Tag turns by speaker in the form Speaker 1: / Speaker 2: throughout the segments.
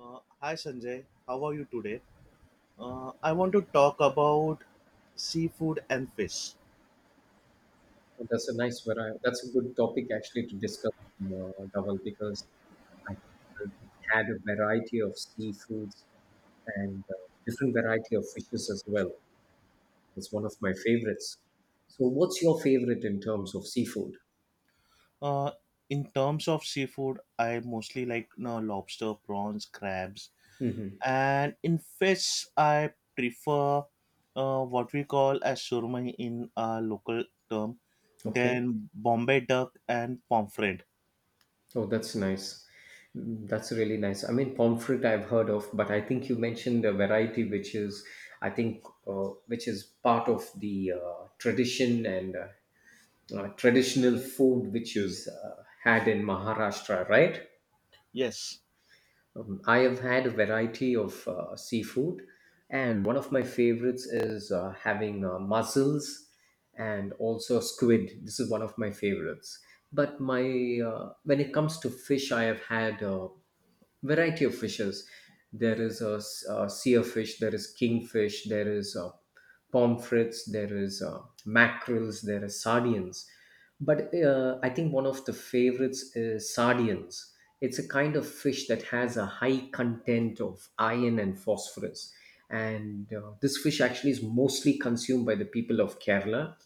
Speaker 1: Hi Sanjay, how are you today? I want to talk about seafood and fish.
Speaker 2: Oh, that's a nice variety. That's a good topic actually to discuss, Dhaval, because I had a variety of seafoods and different variety of fishes as well. It's one of my favorites. So, what's your favorite in terms of seafood?
Speaker 1: Uh, in terms of seafood, I mostly like lobster, prawns, crabs,
Speaker 2: Mm-hmm.
Speaker 1: and in fish, I prefer what we call as surmai in our local term,
Speaker 2: Okay.
Speaker 1: then Bombay duck and pomfret.
Speaker 2: Oh, that's nice. Mm, that's really nice. I mean, pomfret I've heard of, but I think you mentioned a variety which is, I think, which is part of the tradition and traditional food which is had in Maharashtra, right?
Speaker 1: Yes.
Speaker 2: I have had a variety of seafood, and one of my favorites is having mussels and also squid. This is one of my favorites. But my when it comes to fish, I have had variety of fishes. There is a sea of fish, there is kingfish, there is pomfrets, there is mackerels, there is sardines. But I think one of the favorites is sardines. It's a kind of fish that has a high content of iron and phosphorus. And this fish actually is mostly consumed by the people of Kerala.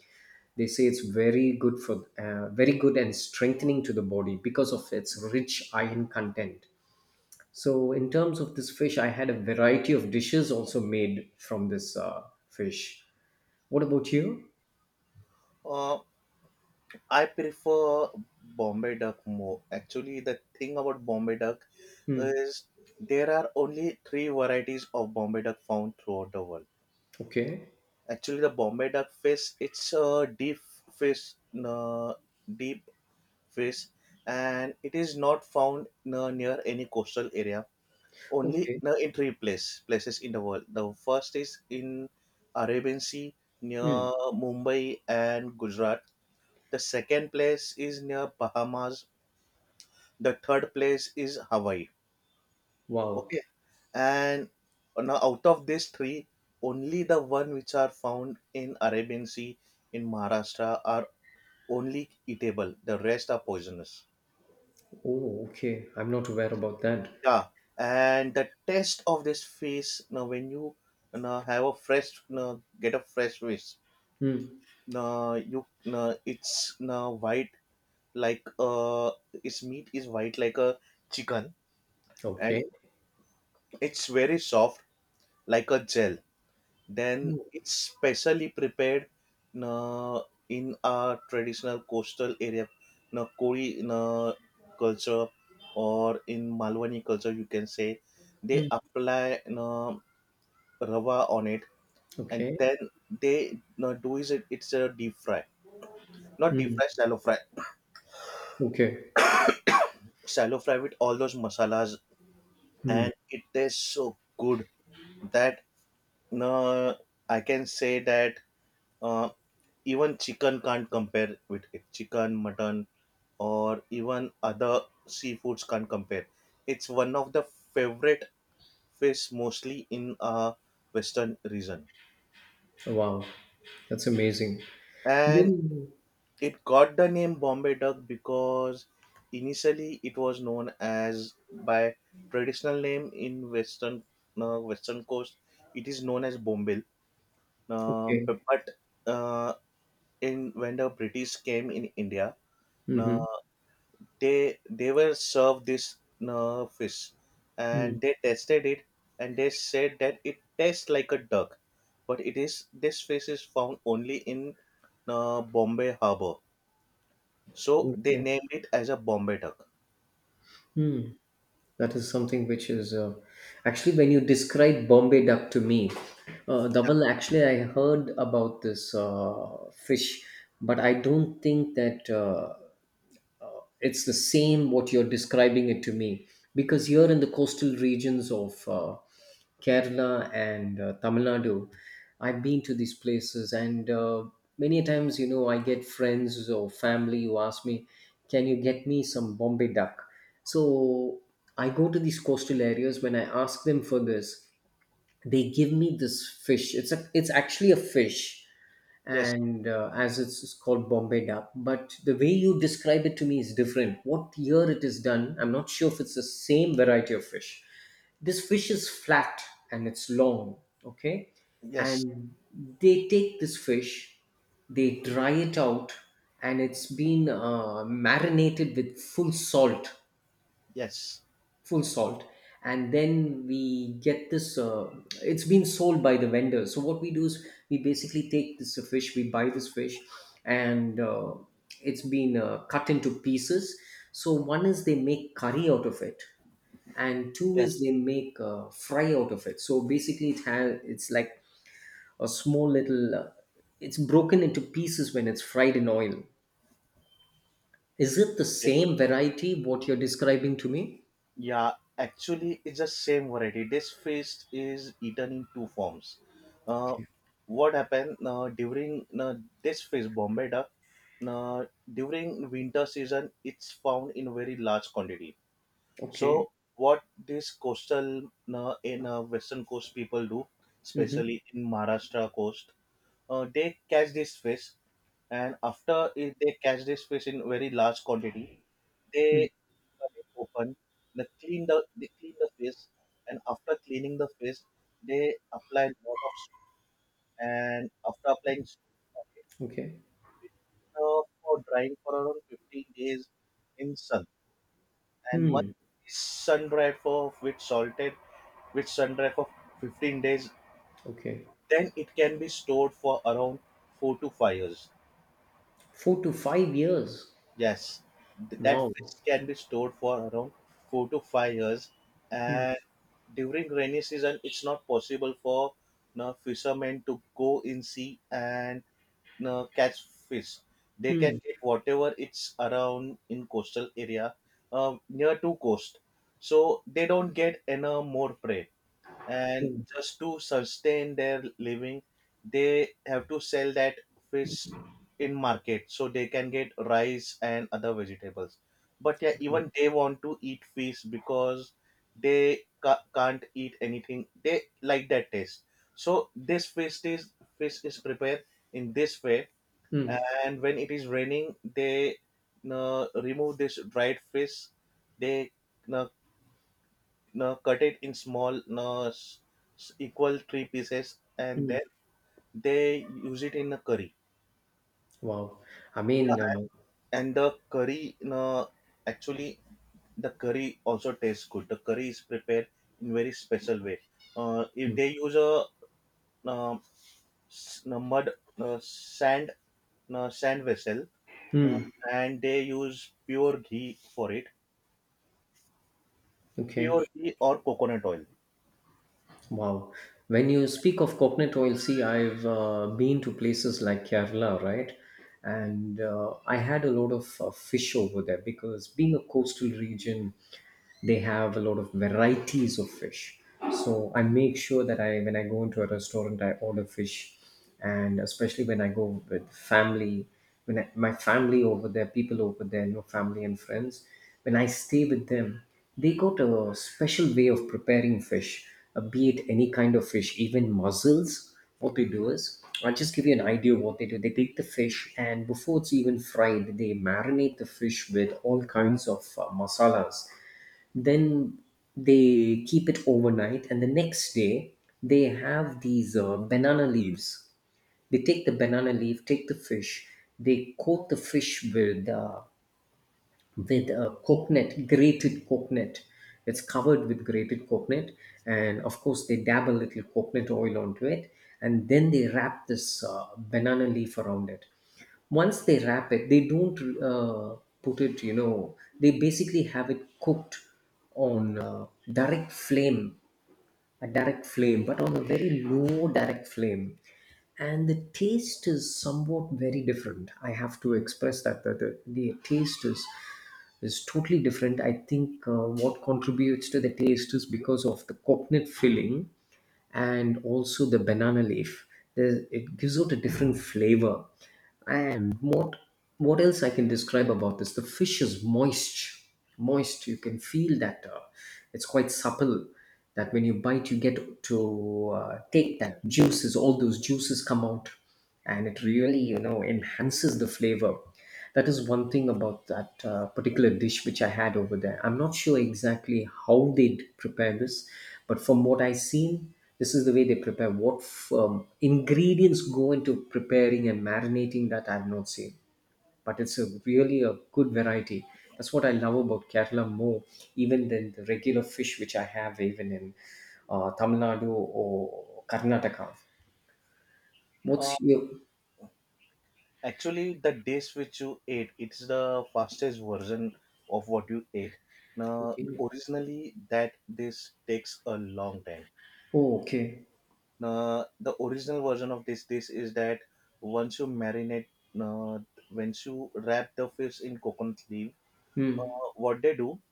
Speaker 2: They say it's very good for, very good and strengthening to the body because of its rich iron content. So, in terms of this fish, I had a variety of dishes also made from this fish. What about you?
Speaker 1: Uh, I prefer Bombay duck more. Actually, the thing about Bombay duck is there are only three varieties of Bombay duck found throughout the world.
Speaker 2: Okay.
Speaker 1: Actually, the Bombay duck fish, it's a fish, uh, deep fish, and it is not found near any coastal area. Only
Speaker 2: Okay.
Speaker 1: in three places in the world. The first is in Arabian Sea near
Speaker 2: Mm.
Speaker 1: Mumbai and Gujarat. The second place is near Bahamas, the third place is Hawaii.
Speaker 2: Wow.
Speaker 1: Okay, and now out of these three, only the one which are found in Arabian Sea in Maharashtra are only eatable. The rest are poisonous.
Speaker 2: Oh, okay. I'm not aware about that.
Speaker 1: Yeah, and the taste of this fish. Now, when you now have a fresh, now get a fresh fish.
Speaker 2: Mm.
Speaker 1: Now you now it's now white, like its meat is white like a chicken, and
Speaker 2: Okay.
Speaker 1: it's very soft like a gel. Then
Speaker 2: Mm.
Speaker 1: it's specially prepared uh, in our traditional coastal area, Kori culture, or in Malwani culture, you can say. They apply rava on it, and
Speaker 2: Okay.
Speaker 1: then they do it's a deep fry, not deep
Speaker 2: Mm.
Speaker 1: fry, shallow fry,
Speaker 2: Okay.
Speaker 1: shallow fry with all those masalas, and it tastes so good that uh, I can say that uh, even chicken can't compare with it. Chicken, mutton, or even other seafoods can't compare. It's one of the favorite fish mostly in a western region.
Speaker 2: Wow. That's amazing.
Speaker 1: And
Speaker 2: Then-
Speaker 1: it got the name Bombay duck because initially it was known as by traditional name in western western coast. It is known as Bombil.
Speaker 2: Okay.
Speaker 1: But, uh, in when the British came in India, uh,
Speaker 2: Mm-hmm.
Speaker 1: they were served this fish, and they tested it, and they said that it tastes like a duck, but it is this fish is found only in Bombay harbor, so they
Speaker 2: Okay.
Speaker 1: named it as a Bombay duck.
Speaker 2: Hmm. That is something which is actually when you describe Bombay duck to me, Dhaval, actually I heard about this fish, but I don't think that. It's the same what you're describing it to me because here in the coastal regions of Kerala and Tamil Nadu, I've been to these places, and many times, you know, I get friends or family who ask me, "Can you get me some Bombay duck?" So I go to these coastal areas. When I ask them for this, they give me this fish. It's actually a fish,
Speaker 1: Yes,
Speaker 2: and it's called Bombay Dab. But the way you describe it to me is different. What year it is done, I'm not sure if it's the same variety of fish. This fish is flat and it's long, okay?
Speaker 1: yes,
Speaker 2: And they take this fish, they dry it out, and it's been marinated with full salt,
Speaker 1: yes,
Speaker 2: full salt, and then we get this it's been sold by the vendor. So what we do is we basically take this fish we buy this fish, and it's been cut into pieces. So one is they make curry out of it, and two is
Speaker 1: yes.
Speaker 2: they make fry out of it. So basically it has, it's like a small little it's broken into pieces when it's fried in oil. Is it the same variety what you're describing to me?
Speaker 1: Yeah, actually, it's the same variety. This feast is eaten in two forms. Uh,
Speaker 2: Okay.
Speaker 1: what happened during this feast, Bombay duck, uh, during winter season, it's found in very large quantity.
Speaker 2: Okay.
Speaker 1: So, what these coastal in western coast people do,
Speaker 2: Hmm.
Speaker 1: especially in Maharashtra coast, they catch this fish, and after it, they catch this fish in very large quantity. They cut it open, they clean the fish, and after cleaning the fish, they apply lot of soap, and after applying soap on it,
Speaker 2: Okay.
Speaker 1: it, for drying for around 15 days in sun. And once
Speaker 2: Hmm.
Speaker 1: it's sun dried for with salted with sun dried for 15 days,
Speaker 2: Okay.
Speaker 1: then it can be stored for around 4 to 5 years.
Speaker 2: 4 to 5 years.
Speaker 1: Yes, that
Speaker 2: Wow.
Speaker 1: fish can be stored for around 4 to 5 years,
Speaker 2: Hmm.
Speaker 1: and during rainy season, it's not possible for no fishermen to go in sea and no, catch fish. They can
Speaker 2: Hmm.
Speaker 1: get whatever it's around in coastal area, near to coast. So they don't get any more prey, and
Speaker 2: Hmm.
Speaker 1: just to sustain their living, they have to sell that fish in market, so they can get rice and other vegetables, but yeah, even they want to eat fish because they can't eat anything. They like that taste. So this fish is prepared in this way.
Speaker 2: Hmm.
Speaker 1: And when it is raining, they remove this dried fish. They uh, no, cut it in small, no, s- s- equal three pieces, and
Speaker 2: Hmm.
Speaker 1: then they use it in a curry.
Speaker 2: Wow. I mean,
Speaker 1: And the curry, no, actually the curry also tastes good. The curry is prepared in very special way, if
Speaker 2: hmm.
Speaker 1: they use a um, no, mud, no, sand, no, sand vessel, no,
Speaker 2: Hmm.
Speaker 1: and they use pure ghee for it,
Speaker 2: Okay.
Speaker 1: pure ghee or coconut oil.
Speaker 2: Wow. When you speak of coconut oil, see, I've been to places like Kerala, right? And I had a lot of fish over there because being a coastal region, they have a lot of varieties of fish. So I make sure that I, when I go into a restaurant, I order fish, and especially when I go with family, my family over there, people over there, you know, family and friends, when I stay with them, they got a special way of preparing fish, be it any kind of fish, even mussels. What they do is, I'll just give you an idea of what they do. They take the fish and before it's even fried, they marinate the fish with all kinds of masalas. Then they keep it overnight, and the next day they have these banana leaves. They take the banana leaf, take the fish, they coat the fish with coconut, grated coconut. It's covered with grated coconut, and of course they dab a little coconut oil onto it, and then they wrap this banana leaf around it. Once they wrap it, they don't put it. You know, they basically have it cooked on direct flame, a direct flame, but on a very low direct flame, and the taste is somewhat very different. I have to express that the taste is totally different. I think what contributes to the taste is because of the coconut filling and also the banana leaf. There's, it gives out a different flavor. And what else I can describe about this? The fish is moist, moist. You can feel that it's quite supple. That when you bite, you get to take that juices. All those juices come out, and it really, you know, enhances the flavor. That is one thing about that particular dish which I had over there. I'm not sure exactly how they prepare this, but from what I've seen, this is the way they prepare. Ingredients go into preparing and marinating that I've not seen, but it's a really a good variety. That's what I love about Kerala more, even than the regular fish which I have even in Tamil Nadu or Karnataka.
Speaker 1: Uh,
Speaker 2: What's your
Speaker 1: Actually, the dish which you ate, it's the fastest version of what you ate. Now,
Speaker 2: okay?
Speaker 1: originally, that this takes a long time.
Speaker 2: Oh, okay.
Speaker 1: Now, the original version of this dish is that once you marinate, uh, once you wrap the fish in coconut leaf, uh,
Speaker 2: Hmm.
Speaker 1: what they do,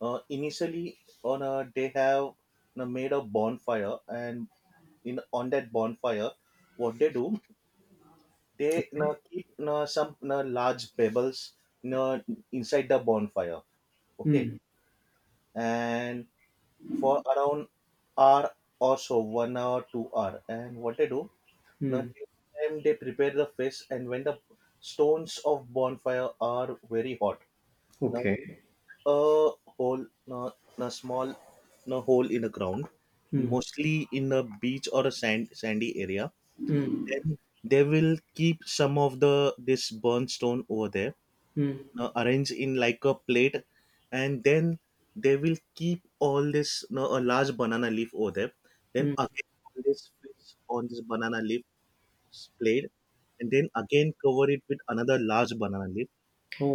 Speaker 1: initially on a, they have made a bonfire, and in on that bonfire, what they do, they
Speaker 2: Okay.
Speaker 1: keep some large pebbles you know, inside the bonfire. Okay,
Speaker 2: Hmm.
Speaker 1: and for around hour or so, 1 hour, 2 hour, and what they do now,
Speaker 2: Hmm.
Speaker 1: time they prepare the fish, and when the stones of bonfire are very hot, now
Speaker 2: Okay.
Speaker 1: a hole, now a small, now hole in the ground,
Speaker 2: Hmm.
Speaker 1: mostly in a beach or a sandy area,
Speaker 2: Hmm.
Speaker 1: then they will keep some of the this burnt stone over there,
Speaker 2: Hmm.
Speaker 1: arrange in like a plate, and then they will keep all this a large banana leaf over there, then
Speaker 2: Hmm.
Speaker 1: again all this fish on this banana leaf plate, and then again cover it with another large banana leaf,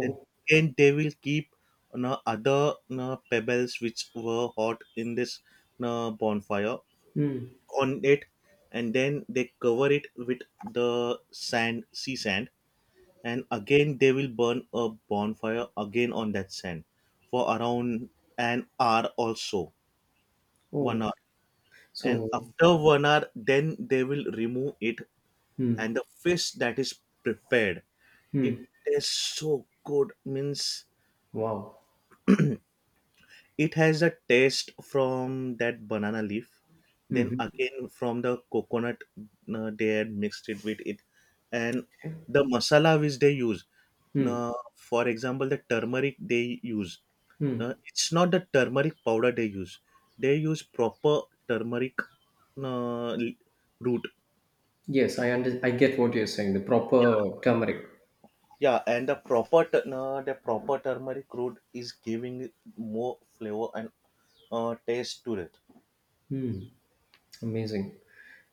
Speaker 1: then again they will keep other pebbles which were hot in this bonfire
Speaker 2: Hmm.
Speaker 1: on it, and then they cover it with the sand sea sand, and again they will burn a bonfire again on that sand for around an hour or so, one
Speaker 2: Oh.
Speaker 1: hour And
Speaker 2: So
Speaker 1: after 1 hour, then they will remove it, and
Speaker 2: hmm.
Speaker 1: the fish that is prepared, it
Speaker 2: Hmm.
Speaker 1: tastes so good, means
Speaker 2: Wow.
Speaker 1: it has a taste from that banana leaf, then
Speaker 2: Mm-hmm.
Speaker 1: again from the coconut they had mixed it with it, and
Speaker 2: Okay.
Speaker 1: the masala which they use.
Speaker 2: Hmm.
Speaker 1: For example, the turmeric they use.
Speaker 2: Mm.
Speaker 1: It's not the turmeric powder they use. They use proper turmeric uh, l- root.
Speaker 2: Yes, I under, I get what you're saying. The proper turmeric.
Speaker 1: Yeah, and the proper turmeric root is giving it more flavor and taste to it.
Speaker 2: Hmm. Amazing.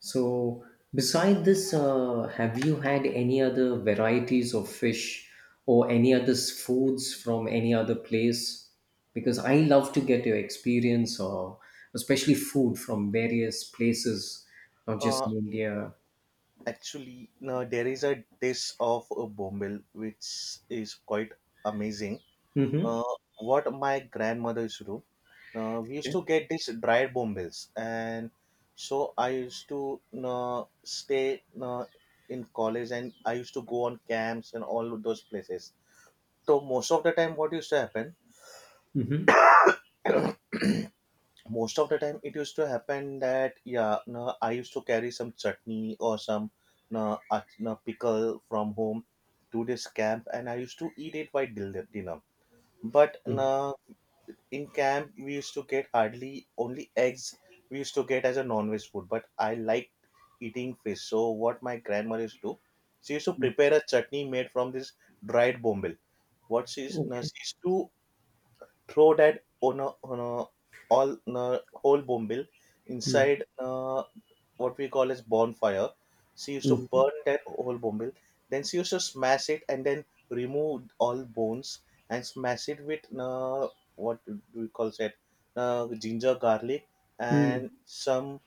Speaker 2: So, beside this, have you had any other varieties of fish or any other foods from any other place? Because I love to get your experience, or especially food from various places, not just
Speaker 1: Uh,
Speaker 2: in India.
Speaker 1: Actually, no, there is a dish of a bombil which is quite amazing.
Speaker 2: Mm-hmm.
Speaker 1: Uh, what my grandmother used to do, we used
Speaker 2: Okay.
Speaker 1: to get these dried bombils, and so I used to stay in college, and I used to go on camps and all those places. So most of the time, what used to happen?
Speaker 2: Mm-hmm.
Speaker 1: Most of the time it used to happen that yeah, no, I used to carry some chutney or some no, no, pickle from home to this camp, and I used to eat it while dinner. But no, in camp we used to get hardly only eggs, we used to get as a non-veg food, but I liked eating fish. So what my grandmother used to do, she used to
Speaker 2: Mm-hmm.
Speaker 1: prepare a chutney made from this dried bombil. What she's, no,
Speaker 2: Okay.
Speaker 1: she used to throw that on a all on a whole bombil
Speaker 2: Mm.
Speaker 1: inside what we call as bonfire. She used to
Speaker 2: Mm-hmm.
Speaker 1: burn that whole bombil. Then she used to smash it and then remove all bones, and smash it with what do we call that, ginger, garlic,
Speaker 2: Mm.
Speaker 1: and some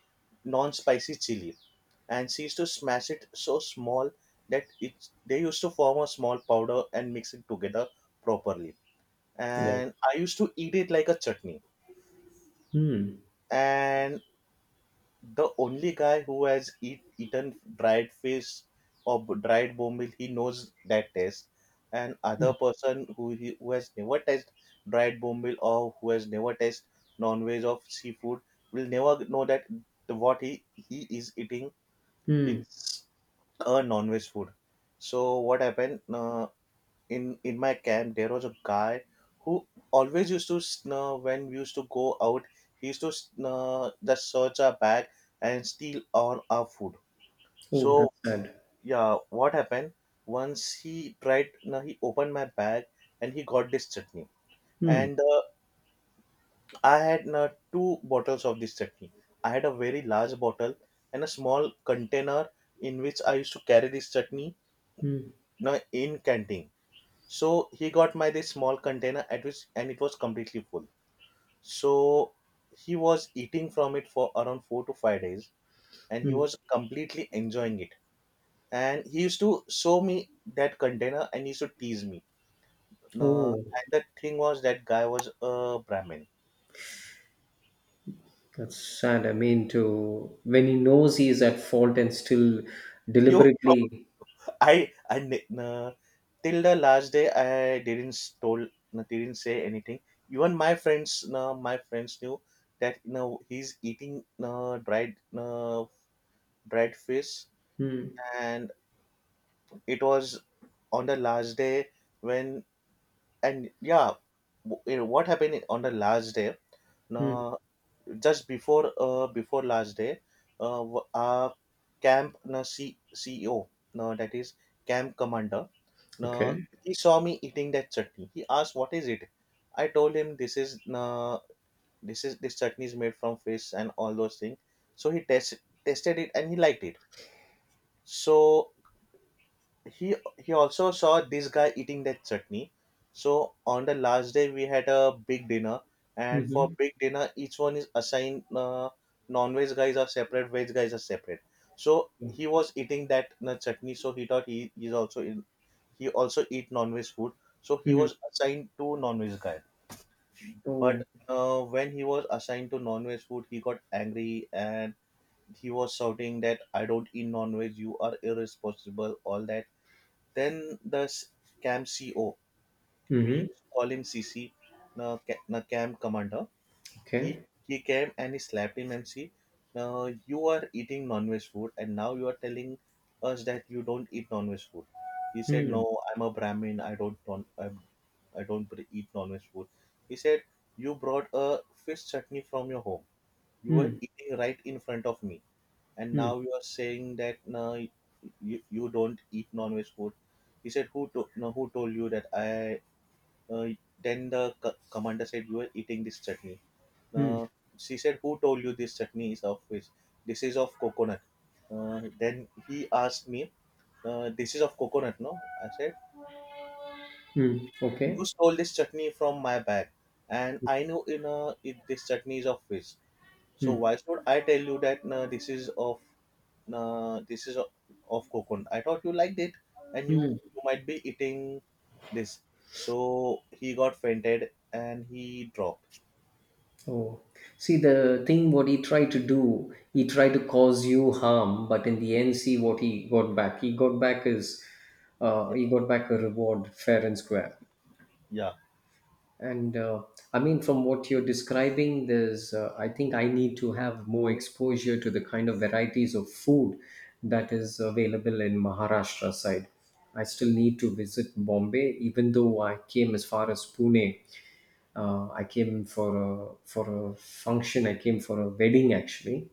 Speaker 1: non-spicy chili. And she used to smash it so small that it they used to form a small powder and mix it together properly,
Speaker 2: Wow.
Speaker 1: and I used to eat it like a chutney.
Speaker 2: Mm.
Speaker 1: And the only guy who has eaten dried fish or dried bombil, he knows that taste. And other person who who has never tasted dried bombil or who has never tasted non-veg of seafood will never know that what he is eating,
Speaker 2: Mm.
Speaker 1: it's a non-veg food. So what happened? In my camp there was a guy who always used to when we used to go out, he used to just search our bag and steal all our food.
Speaker 2: Oh,
Speaker 1: So
Speaker 2: that's sad.
Speaker 1: yeah, what happened, once he tried, now he opened my bag, and he got this chutney,
Speaker 2: Mm.
Speaker 1: and I had two bottles of this chutney. I had a very large bottle and a small container in which I used to carry this chutney,
Speaker 2: Mm.
Speaker 1: now in canteen. So he got my this small container at which, and it was completely full. So he was eating from it for around 4 to 5 days, and he
Speaker 2: Mm.
Speaker 1: was completely enjoying it. And he used to show me that container and he used to tease me.
Speaker 2: Oh.
Speaker 1: And the thing was that guy was a Brahmin.
Speaker 2: That's sad. I mean, to, when he knows he is at fault and still
Speaker 1: Yo,
Speaker 2: deliberately.
Speaker 1: I, I ne- uh, till the last day I didn't say anything. Even my friends knew that he's eating dried bread fish
Speaker 2: Hmm.
Speaker 1: and it was on the last day when and what happened on the last day.
Speaker 2: Hmm.
Speaker 1: Now just before before last day, our camp na ceo, that is camp commander. uh,
Speaker 2: Okay.
Speaker 1: he saw me eating that chutney. He asked, what is it? I told him, this is na, this is this chutney is made from fish and all those things. So he tested it and he liked it. So he also saw this guy eating that chutney. So on the last day we had a big dinner, and for
Speaker 2: Mm-hmm.
Speaker 1: big dinner each one is assigned, non-veg guys are separate, veg guys are separate. So he was eating that chutney, so he thought he is also in, he also eat non-veg food. So he
Speaker 2: Hmm.
Speaker 1: was assigned to non-veg guy. But
Speaker 2: Oh.
Speaker 1: when he was assigned to non-veg food, he got angry and he was shouting that I don't eat non-veg, you are irresponsible, all that. Then camp CO,
Speaker 2: Mm-hmm.
Speaker 1: we call him C C, the camp commander.
Speaker 2: Okay.
Speaker 1: He came and he slapped him and, see, now you are eating non-veg food and now you are telling us that you don't eat non-veg food. He said,
Speaker 2: Hmm.
Speaker 1: no, I'm a Brahmin. I don't br- eat non-veg food. He said, you brought a fish chutney from your home. You were
Speaker 2: Hmm.
Speaker 1: eating right in front of me, and
Speaker 2: Hmm.
Speaker 1: now you are saying that no, you don't eat non-veg food. He said, who to, no, who told you that I? Uh, then commander said, you are eating this chutney.
Speaker 2: Hmm.
Speaker 1: Uh, she said, who told you this chutney is of fish? This is of coconut. Then he asked me, this is of coconut, no? I said,
Speaker 2: Hmm.
Speaker 1: you
Speaker 2: Okay.
Speaker 1: stole this chutney from my bag, and I know this chutney is of fish. So
Speaker 2: Hmm.
Speaker 1: why should I tell you that nah, this is of nah, of coconut? I thought you liked it, and
Speaker 2: Hmm.
Speaker 1: you might be eating this. So he got fainted and he dropped.
Speaker 2: Oh. See, the thing what he tried to do, he tried to cause you harm, but in the end, see what he got back. He got back his,
Speaker 1: Yeah,
Speaker 2: he got back a reward, fair and square.
Speaker 1: yeah,
Speaker 2: And I mean, from what you're describing, there's, I think I need to have more exposure to the kind of varieties of food that is available in Maharashtra side. I still need to visit Bombay, even though I came as far as Pune. I came for for a function, I came for a wedding actually.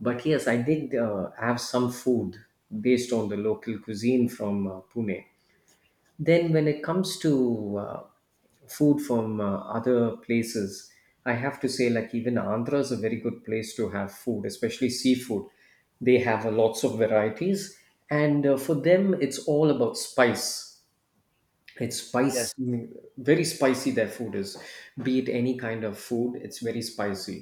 Speaker 2: But yes, I did have some food based on the local cuisine from Pune. Then when it comes to food from other places, I have to say, like, even Andhra is a very good place to have food, especially seafood. They have a lots of varieties, and for them it's all about spice. It's
Speaker 1: yes,
Speaker 2: spice, mm, very spicy their food is, be it any kind of food, it's very spicy.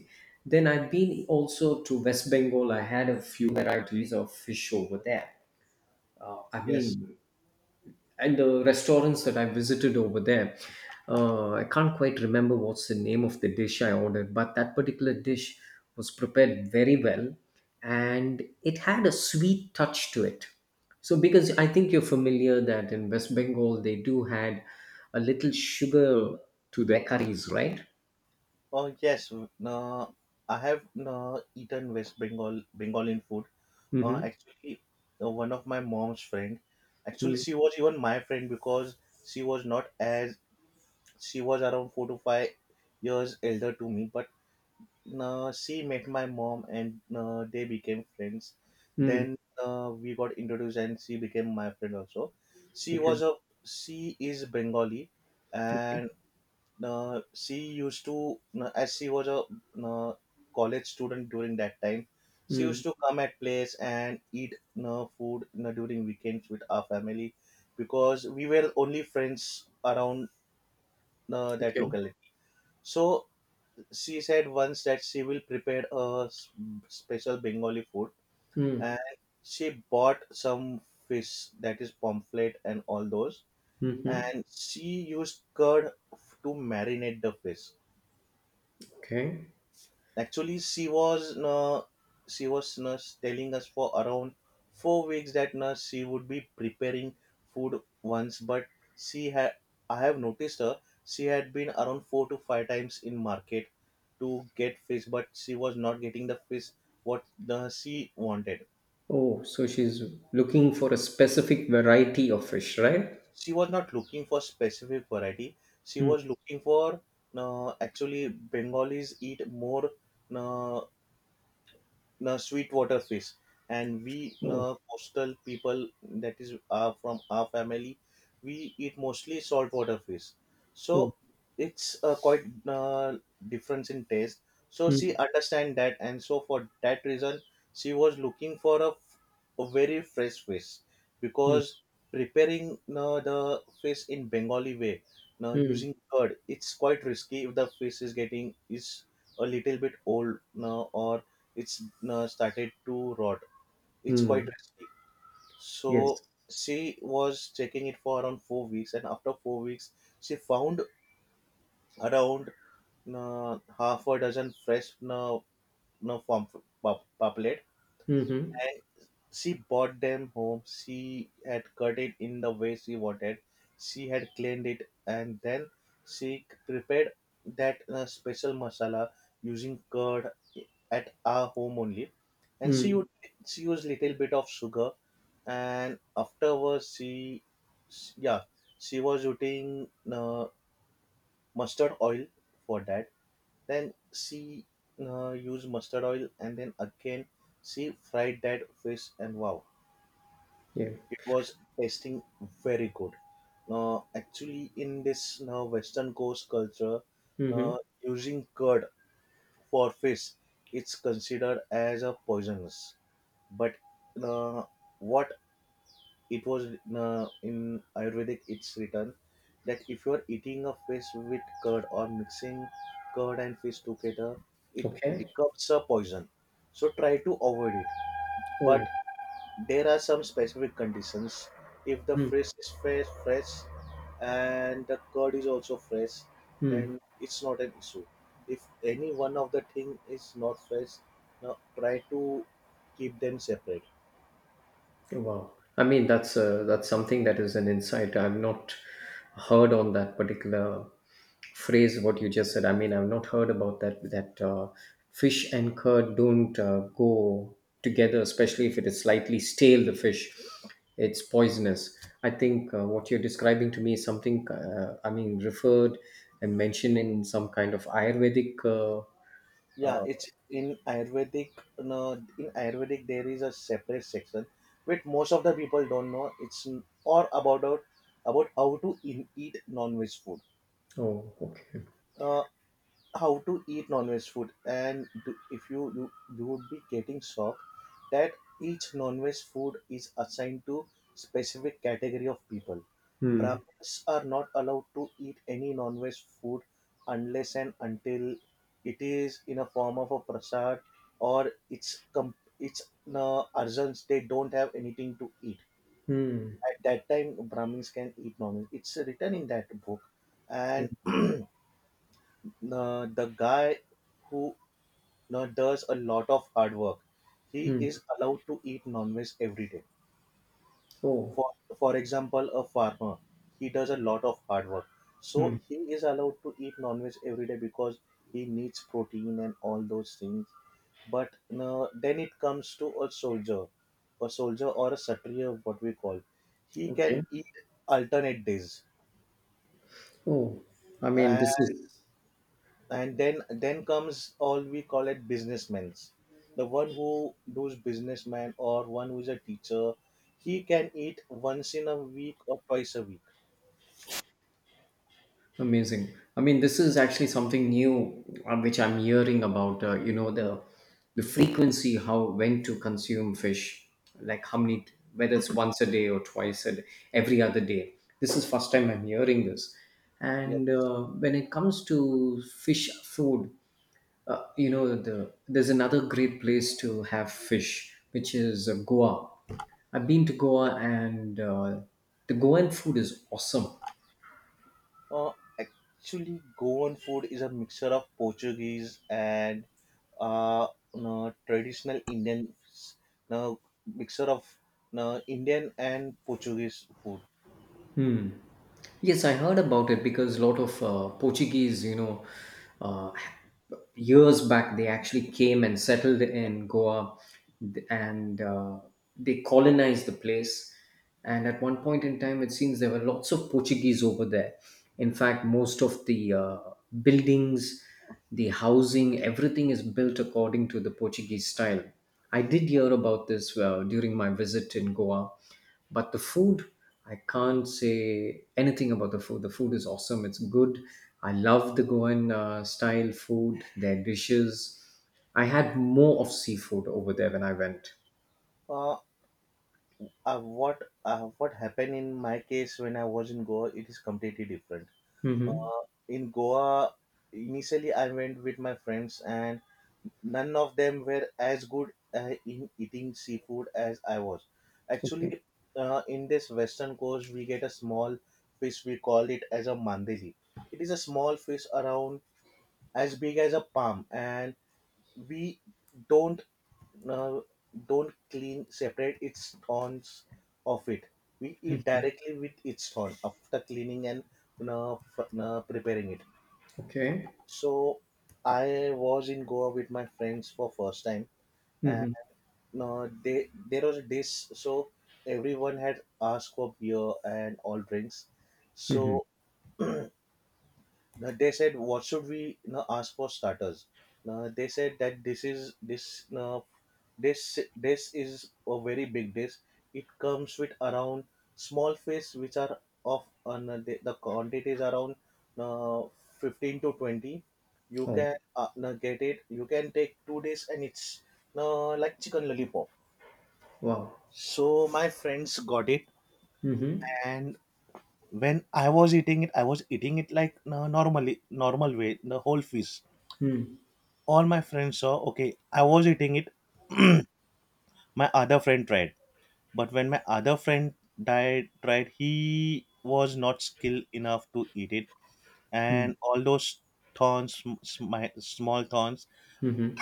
Speaker 2: Then I've been also to West Bengal, I had a few varieties of fish over there. I
Speaker 1: yes.
Speaker 2: mean, and the restaurants that I visited over there, I can't quite remember what's the name of the dish I ordered, but that particular dish was prepared very well, and it had a sweet touch to it. So, because I think you're familiar that in West Bengal they do had a little sugar to their curries, right?
Speaker 1: Oh yes. Nah, I have nah, eaten West Bengal Bengali food.
Speaker 2: Mm-hmm.
Speaker 1: Actually, one of my mom's friend. Actually, she was even my friend because she was not as she was around 4 to 5 years elder to me, but she met my mom and they became friends.
Speaker 2: Mm-hmm.
Speaker 1: Then we got introduced and she became my friend also. She
Speaker 2: Okay.
Speaker 1: was a She is Bengali.
Speaker 2: Okay.
Speaker 1: And she used to as she was a uh, college student during that time, she used
Speaker 2: Mm.
Speaker 1: to come at place and eat food during weekends with our family, because we were only friends around that
Speaker 2: Okay.
Speaker 1: locality. So she said once that she will prepare a special Bengali food.
Speaker 2: Mm.
Speaker 1: And she bought some fish, that is pomfret and all those,
Speaker 2: Mm-hmm.
Speaker 1: and she used to marinate the fish.
Speaker 2: Okay.
Speaker 1: Actually, she was telling us for around 4 weeks that she would be preparing food once, but she had, I have noticed her, she had been around 4 to 5 times in market to get fish, but she was not getting the fish what the she wanted.
Speaker 2: Oh, so she's looking for a specific variety of fish, right?
Speaker 1: She was not looking for specific variety. She
Speaker 2: Mm.
Speaker 1: was looking for actually Bengalis eat more. Uh, Sweetwater fish, and we
Speaker 2: Oh,
Speaker 1: coastal people, that is from our family, we eat mostly saltwater fish.
Speaker 2: oh,
Speaker 1: So it's quite difference in taste. So she
Speaker 2: mm,
Speaker 1: understand that, and so for that reason, she was looking for a very fresh fish,
Speaker 2: mm,
Speaker 1: because preparing the fish in Bengali way, now
Speaker 2: mm,
Speaker 1: using curd, it's quite risky if the fish is getting is a little bit old now, or it's started to rot. It's quite
Speaker 2: mm.
Speaker 1: risky.
Speaker 2: Yes.
Speaker 1: So she was checking it for around 4 weeks, and after 4 weeks, she found around half a dozen fresh no farm poplet.
Speaker 2: Mm-hmm.
Speaker 1: She brought them home. She had cut it in the way she wanted. She had cleaned it, and then she prepared that special masala using curd at our home only. And
Speaker 2: Mm.
Speaker 1: she used little bit of sugar, and afterwards she, yeah, she was using mustard oil for that. Then she used mustard oil, and then again she fried that fish, and wow,
Speaker 2: Yeah.
Speaker 1: it was tasting very good. Now actually in this now western coast culture,
Speaker 2: Mm-hmm.
Speaker 1: now using curd for fish, it's considered as a poisonous, but uh, what it was in ayurvedic it's written that if you're eating a fish with curd, or mixing curd and fish together, it
Speaker 2: Okay.
Speaker 1: becomes a poison, so try to avoid it. But
Speaker 2: Oh.
Speaker 1: there are some specific conditions. If the
Speaker 2: Mm,
Speaker 1: fish is fresh, fresh, and the curd is also fresh,
Speaker 2: mm.
Speaker 1: then it's not an issue. If any one of the thing is not fresh, now try to keep them separate.
Speaker 2: Wow. I mean, that's something that is an insight. I've not heard on that particular phrase what you just said. I mean, I've not heard about that fish and curd don't go together, especially if it is slightly stale. The fish, it's poisonous. I think what you're describing to me is something. I mean, referred and mentioned in some kind of Ayurvedic.
Speaker 1: Yeah, it's in Ayurvedic. No, in Ayurvedic there is a separate section, which most of the people don't know. It's about how to eat non-veg food.
Speaker 2: Oh, okay.
Speaker 1: Uh, how to eat non-veg food and if you you would be getting shocked that each non-veg food is assigned to specific category of people.
Speaker 2: Hmm.
Speaker 1: Brahmins are not allowed to eat any non-veg food unless and until it is in a form of a prasad, or it's arjans, they don't have anything to eat.
Speaker 2: Hmm.
Speaker 1: At that time brahmins can eat non-veg, it's written in that book. And the guy who know, does a lot of hard work, he
Speaker 2: Hmm.
Speaker 1: is allowed to eat non-veg every day.
Speaker 2: Oh,
Speaker 1: For for example, a farmer, he does a lot of hard work. So
Speaker 2: hmm.
Speaker 1: he is allowed to eat non-veg every day because he needs protein and all those things. But no, then it comes to a soldier or a satriya, what we call. He can
Speaker 2: Okay.
Speaker 1: eat alternate days.
Speaker 2: Oh, I mean, this is
Speaker 1: And then comes all we call it businessmen's, the one who does businessman or one who is a teacher, he can eat once in a week or twice a week.
Speaker 2: amazing. I mean, this is actually something new, which I'm hearing about. You know, the frequency, how when to consume fish, like how many, whether it's once a day or twice a day, every other day. This is first time I'm hearing this.
Speaker 1: Yes.
Speaker 2: And when it comes to fish food, you know, there's another great place to have fish, which is Goa. I've been to
Speaker 1: Yes.
Speaker 2: Goa, and the Goan food is awesome.
Speaker 1: uh, Actually goan food is a mixture of portuguese and uh, no, traditional indian, no, mixture of no, indian and portuguese food.
Speaker 2: Yes, I heard about it because a lot of Portuguese, you know, uh, years back, they actually came and settled in Goa, th- and they colonized the place. And at one point in time, it seems there were lots of Portuguese over there. In fact, most of the buildings, the housing, everything is built according to the Portuguese style. I did hear about this during my visit in Goa, but the food, I can't say anything about the food. The food is awesome, it's good. I love the Goan style food, their dishes. I had more of seafood over there when I went.
Speaker 1: uh, what happened in my case when I was in Goa, it is completely different.
Speaker 2: Mm-hmm.
Speaker 1: Uh, in Goa, initially I went with my friends, and none of them were as good in eating seafood as I was. Actually,
Speaker 2: Okay.
Speaker 1: in this western coast, we get a small fish. We call it as a mandeli. It is a small fish around as big as a palm, and we don't uh, don't clean separate its thorns of it. We eat directly with its thorn after cleaning and preparing it.
Speaker 2: Okay.
Speaker 1: So I was in Goa with my friends for first time, and
Speaker 2: Mm-hmm.
Speaker 1: no, they there was this so everyone had asked for beer and all drinks.
Speaker 2: Mm-hmm.
Speaker 1: So they said, "What should we now ask for starters?" Now, they said that this is this now this is a very big dish. It comes with around small fish, which are of no, the quantity is around now 15 to 20. You can
Speaker 2: Oh,
Speaker 1: no, get it. You can take 2 days, and it's now like chicken lollipop.
Speaker 2: wow.
Speaker 1: So my friends got it,
Speaker 2: Mm-hmm.
Speaker 1: and when I was eating it, I was eating it like no, normally normal way, the whole fish.
Speaker 2: Mm-hmm.
Speaker 1: All my friends saw, okay, I was eating it. My other friend tried, but when my other friend died tried, he was not skilled enough to eat it, and all those thorns, small thorns
Speaker 2: Mm-hmm.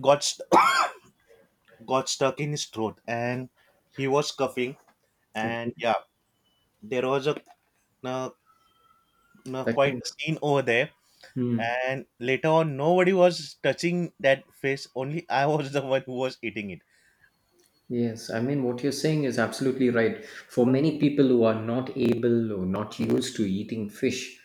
Speaker 1: got st- got stuck in his throat and he was coughing
Speaker 2: Okay.
Speaker 1: and yeah there was a, uh
Speaker 2: That
Speaker 1: quite
Speaker 2: can.
Speaker 1: a scene over there.
Speaker 2: Mm.
Speaker 1: And later on nobody was touching that fish. Only I was the one who was eating it.
Speaker 2: Yes, I mean, what you're saying is absolutely right. For many people who are not able or not used to eating fish,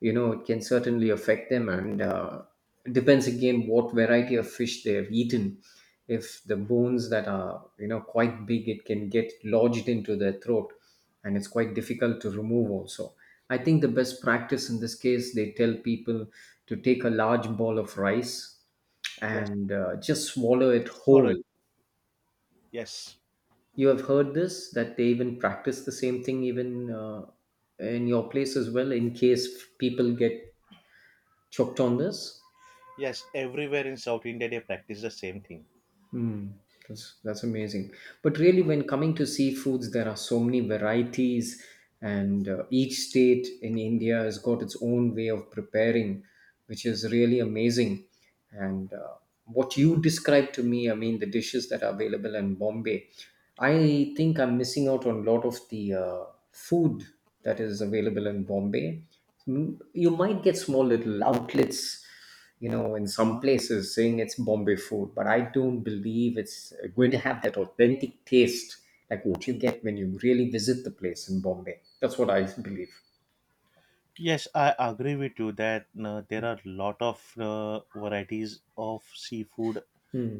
Speaker 2: you know, it can certainly affect them. And it depends again what variety of fish they have eaten. If the bones that are, you know, quite big, it can get lodged into their throat, and it's quite difficult to remove also. I think the best practice in this case, they tell people to take a large ball of rice
Speaker 1: Yes,
Speaker 2: and just swallow it
Speaker 1: solo,
Speaker 2: whole.
Speaker 1: yes.
Speaker 2: You have heard this that they even practice the same thing even in your place as well in case people get choked on this.
Speaker 1: Yes, everywhere in South India they practice the same thing.
Speaker 2: Mm, that's amazing. But really, when coming to seafoods, there are so many varieties, and each state in India has got its own way of preparing, which is really amazing. And what you described to me, I mean, the dishes that are available in Bombay, I think I'm missing out on a lot of the food that is available in Bombay. Mm, you might get small little outlets, you know, in some places saying it's Bombay food, but I don't believe it's going to have that authentic taste like what you get when you really visit the place in Bombay. That's what I believe.
Speaker 1: Yes, I agree with you that there are a lot of varieties of seafood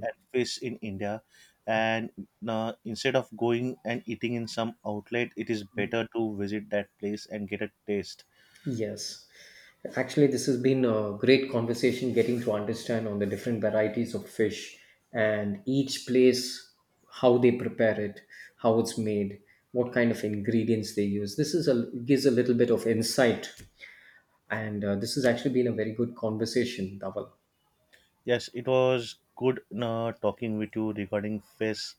Speaker 1: and fish in India, and instead of going and eating in some outlet, it is better to visit that place and get a taste.
Speaker 2: Yes. Actually, this has been a great conversation getting to understand on the different varieties of fish and each place, how they prepare it, how it's made, what kind of ingredients they use. This is a gives a little bit of insight, and this has actually been a very good conversation, Dawal.
Speaker 1: Yes, it was good talking with you regarding fish,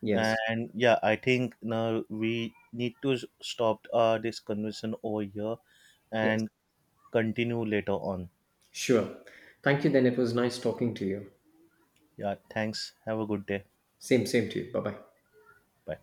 Speaker 2: Yes.
Speaker 1: and yeah, I think we need to stop this conversation over here
Speaker 2: Yes.
Speaker 1: and continue later on.
Speaker 2: Sure. Thank you. Then it was nice talking to you.
Speaker 1: Yeah, thanks. Have a good day.
Speaker 2: Same, same to you. Bye bye.
Speaker 1: Bye.